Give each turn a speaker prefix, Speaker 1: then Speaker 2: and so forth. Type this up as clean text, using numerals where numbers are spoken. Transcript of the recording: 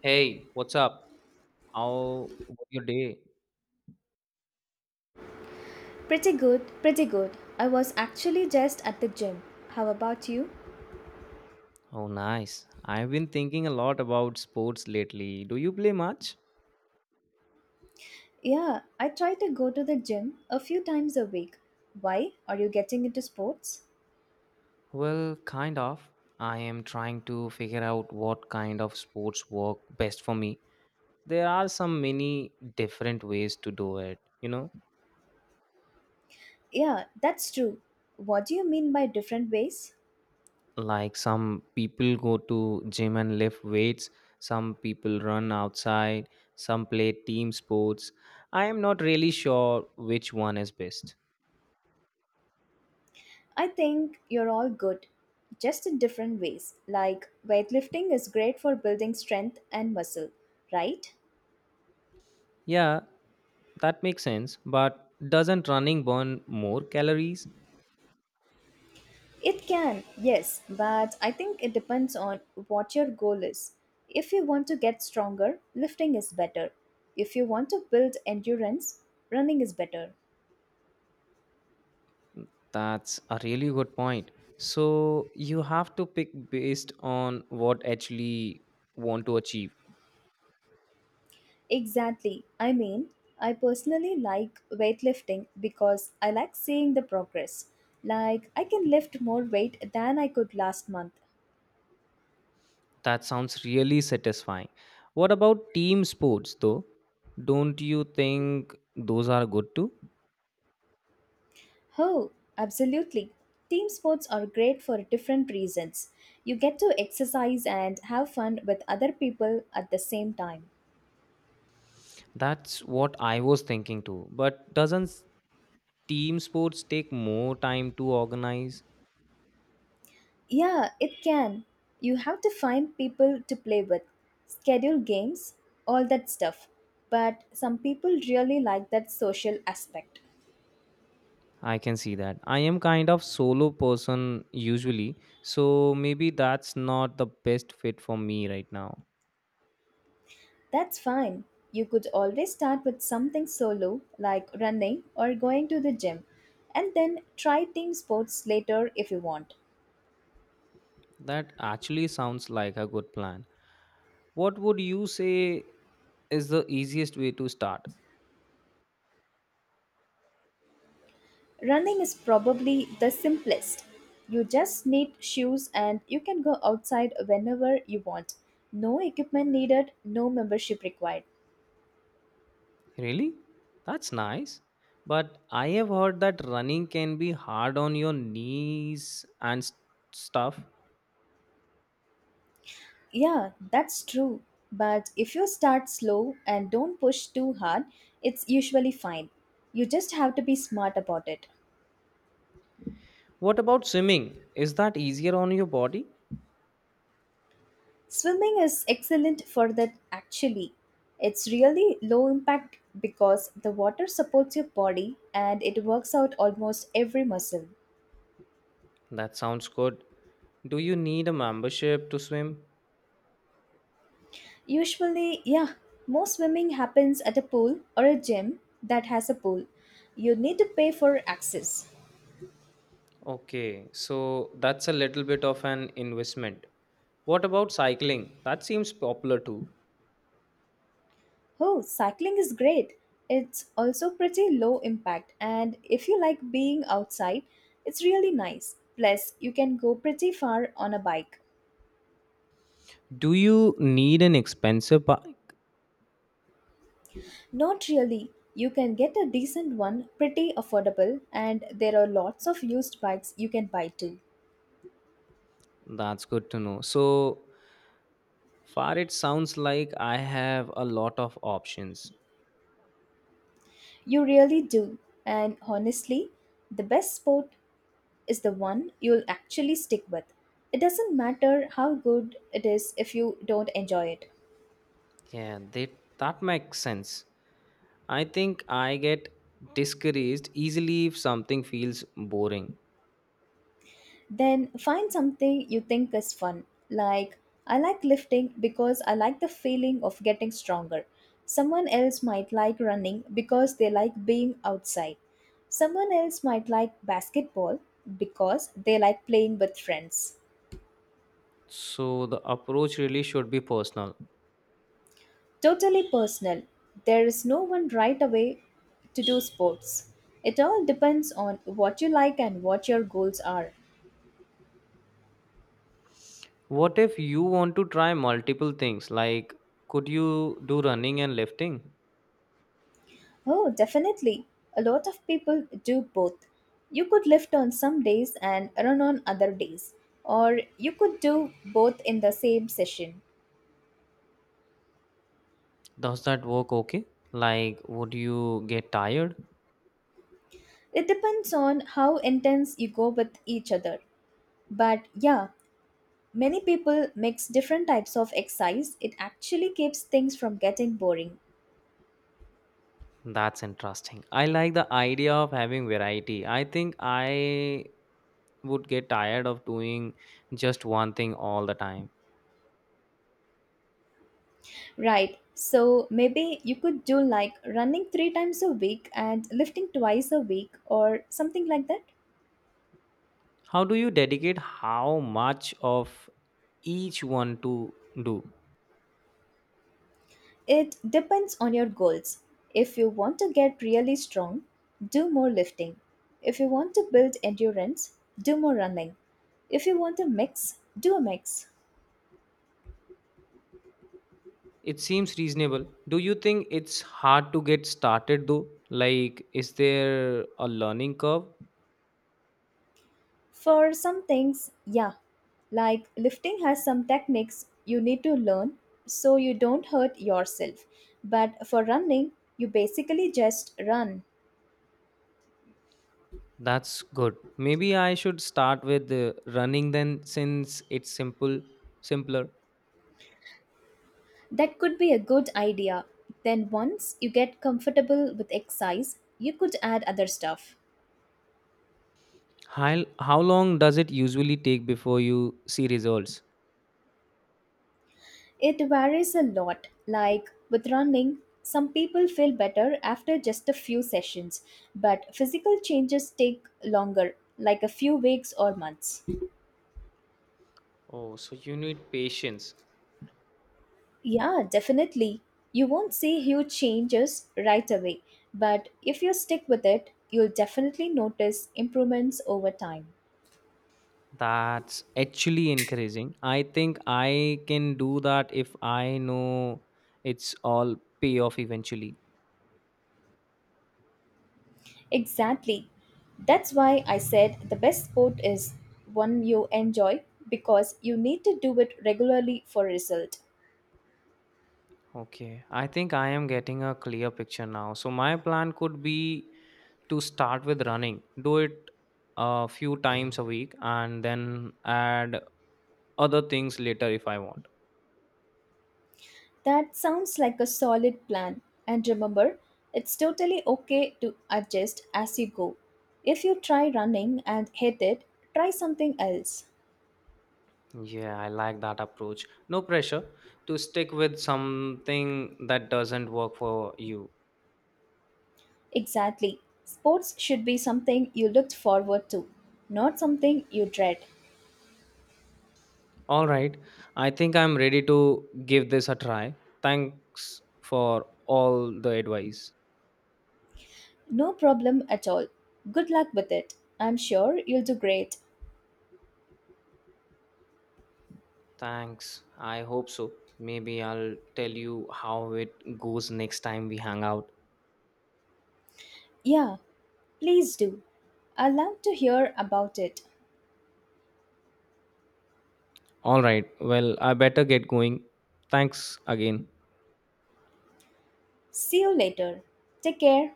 Speaker 1: Hey, what's up? How was your day?
Speaker 2: Pretty good, pretty good. I was actually just at the gym. How about you?
Speaker 1: Oh, nice. I've been thinking a lot about sports lately. Do you play much?
Speaker 2: Yeah, I try to go to the gym a few times a week. Why? Are you getting into sports?
Speaker 1: Well, kind of. I am trying to figure out what kind of sports work best for me. There are some many different ways to do it, you know?
Speaker 2: Yeah, that's true. What do you mean by different ways?
Speaker 1: Like some people go to gym and lift weights, some people run outside, some play team sports. I am not really sure which one is best.
Speaker 2: I think you're all good, just in different ways. Like weightlifting is great for building strength and muscle, right?
Speaker 1: Yeah, that makes sense, but doesn't running burn more calories?
Speaker 2: It can, yes, but I think it depends on what your goal is. If you want to get stronger, lifting is better. If you want to build endurance, running is better.
Speaker 1: That's a really good point. So you have to pick based on what actually want to achieve.
Speaker 2: Exactly. I mean, I personally like weightlifting because I like seeing the progress. Like, I can lift more weight than I could last month.
Speaker 1: That sounds really satisfying. What about team sports though? Don't you think those are good too?
Speaker 2: Oh, absolutely. Team sports are great for different reasons. You get to exercise and have fun with other people at the same time.
Speaker 1: That's what I was thinking too. But doesn't team sports take more time to organize?
Speaker 2: Yeah, it can. You have to find people to play with, schedule games, all that stuff. But some people really like that social aspect.
Speaker 1: I can see that. I am kind of solo person usually, so maybe that's not the best fit for me right now.
Speaker 2: That's fine. You could always start with something solo, like running or going to the gym, and then try team sports later if you want.
Speaker 1: That actually sounds like a good plan. What would you say is the easiest way to start?
Speaker 2: Running is probably the simplest. You just need shoes and you can go outside whenever you want. No equipment needed, no membership required.
Speaker 1: Really? That's nice. But I have heard that running can be hard on your knees and stuff.
Speaker 2: Yeah, that's true. But if you start slow and don't push too hard, it's usually fine. You just have to be smart about it.
Speaker 1: What about swimming? Is that easier on your body?
Speaker 2: Swimming is excellent for that actually. It's really low impact because the water supports your body and it works out almost every muscle.
Speaker 1: That sounds good. Do you need a membership to swim?
Speaker 2: Usually, yeah, most swimming happens at a pool or a gym that has a pool. You need to pay for access.
Speaker 1: Okay, so that's a little bit of an investment. What about cycling? That seems popular too.
Speaker 2: Oh, cycling is great. It's also pretty low impact, and if you like being outside, it's really nice. Plus, you can go pretty far on a bike.
Speaker 1: Do you need an expensive bike?
Speaker 2: Not really. You can get a decent one, pretty affordable, and there are lots of used bikes you can buy too.
Speaker 1: That's good to know. So far, it sounds like I have a lot of options.
Speaker 2: You really do. And honestly, the best sport is the one you'll actually stick with. It doesn't matter how good it is if you don't enjoy it.
Speaker 1: Yeah, that makes sense. I think I get discouraged easily if something feels boring.
Speaker 2: Then find something you think is fun. Like, I like lifting because I like the feeling of getting stronger. Someone else might like running because they like being outside. Someone else might like basketball because they like playing with friends.
Speaker 1: So the approach really should be personal.
Speaker 2: Totally personal. There is no one right away to do sports. It all depends on what you like and what your goals are.
Speaker 1: What if you want to try multiple things? Like, could you do running and lifting?
Speaker 2: Oh, definitely. A lot of people do both. You could lift on some days and run on other days, or you could do both in the same session.
Speaker 1: Does that work okay? Like, would you get tired?
Speaker 2: It depends on how intense you go with each other. But yeah, many people mix different types of exercise. It actually keeps things from getting boring.
Speaker 1: That's interesting. I like the idea of having variety. I think I would get tired of doing just one thing all the time.
Speaker 2: Right, so maybe you could do like running three times a week and lifting twice a week, or something like that.
Speaker 1: How do you dedicate how much of each one to do?
Speaker 2: It depends on your goals. If you want to get really strong, do more lifting. If you want to build endurance, do more running. If you want to mix, do a mix.
Speaker 1: It seems reasonable. Do you think it's hard to get started though? Like, is there a learning curve?
Speaker 2: For some things, yeah, like lifting has some techniques you need to learn so you don't hurt yourself. But for running, you basically just run.
Speaker 1: That's good. Maybe I should start with running then since it's simpler.
Speaker 2: That could be a good idea. Then, once you get comfortable with exercise, you could add other stuff.
Speaker 1: How long does it usually take before you see results?
Speaker 2: It varies a lot. Like with running, some people feel better after just a few sessions, but physical changes take longer, like a few weeks or months.
Speaker 1: Oh, so you need patience.
Speaker 2: Yeah, definitely. You won't see huge changes right away, but if you stick with it, you'll definitely notice improvements over time.
Speaker 1: That's actually encouraging. I think I can do that if I know it's all pay off eventually.
Speaker 2: Exactly. That's why I said the best sport is one you enjoy because you need to do it regularly for result.
Speaker 1: Okay, I think I am getting a clear picture now. So my plan could be to start with running, do it a few times a week, and then add other things later if I want.
Speaker 2: That sounds like a solid plan. And remember, it's totally okay to adjust as you go. If you try running and hate it, try something else.
Speaker 1: Yeah, I like that approach. No pressure to stick with something that doesn't work for you.
Speaker 2: Exactly. Sports should be something you looked forward to, not something you dread.
Speaker 1: All right, I think I'm ready to give this a try. Thanks for all the advice.
Speaker 2: No problem at all. Good luck with it. I'm sure you'll do great.
Speaker 1: Thanks, I hope so. Maybe I'll tell you how it goes next time we hang out.
Speaker 2: Yeah, please do. I'd love to hear about it.
Speaker 1: All right. Well, I better get going. Thanks again.
Speaker 2: See you later. Take care.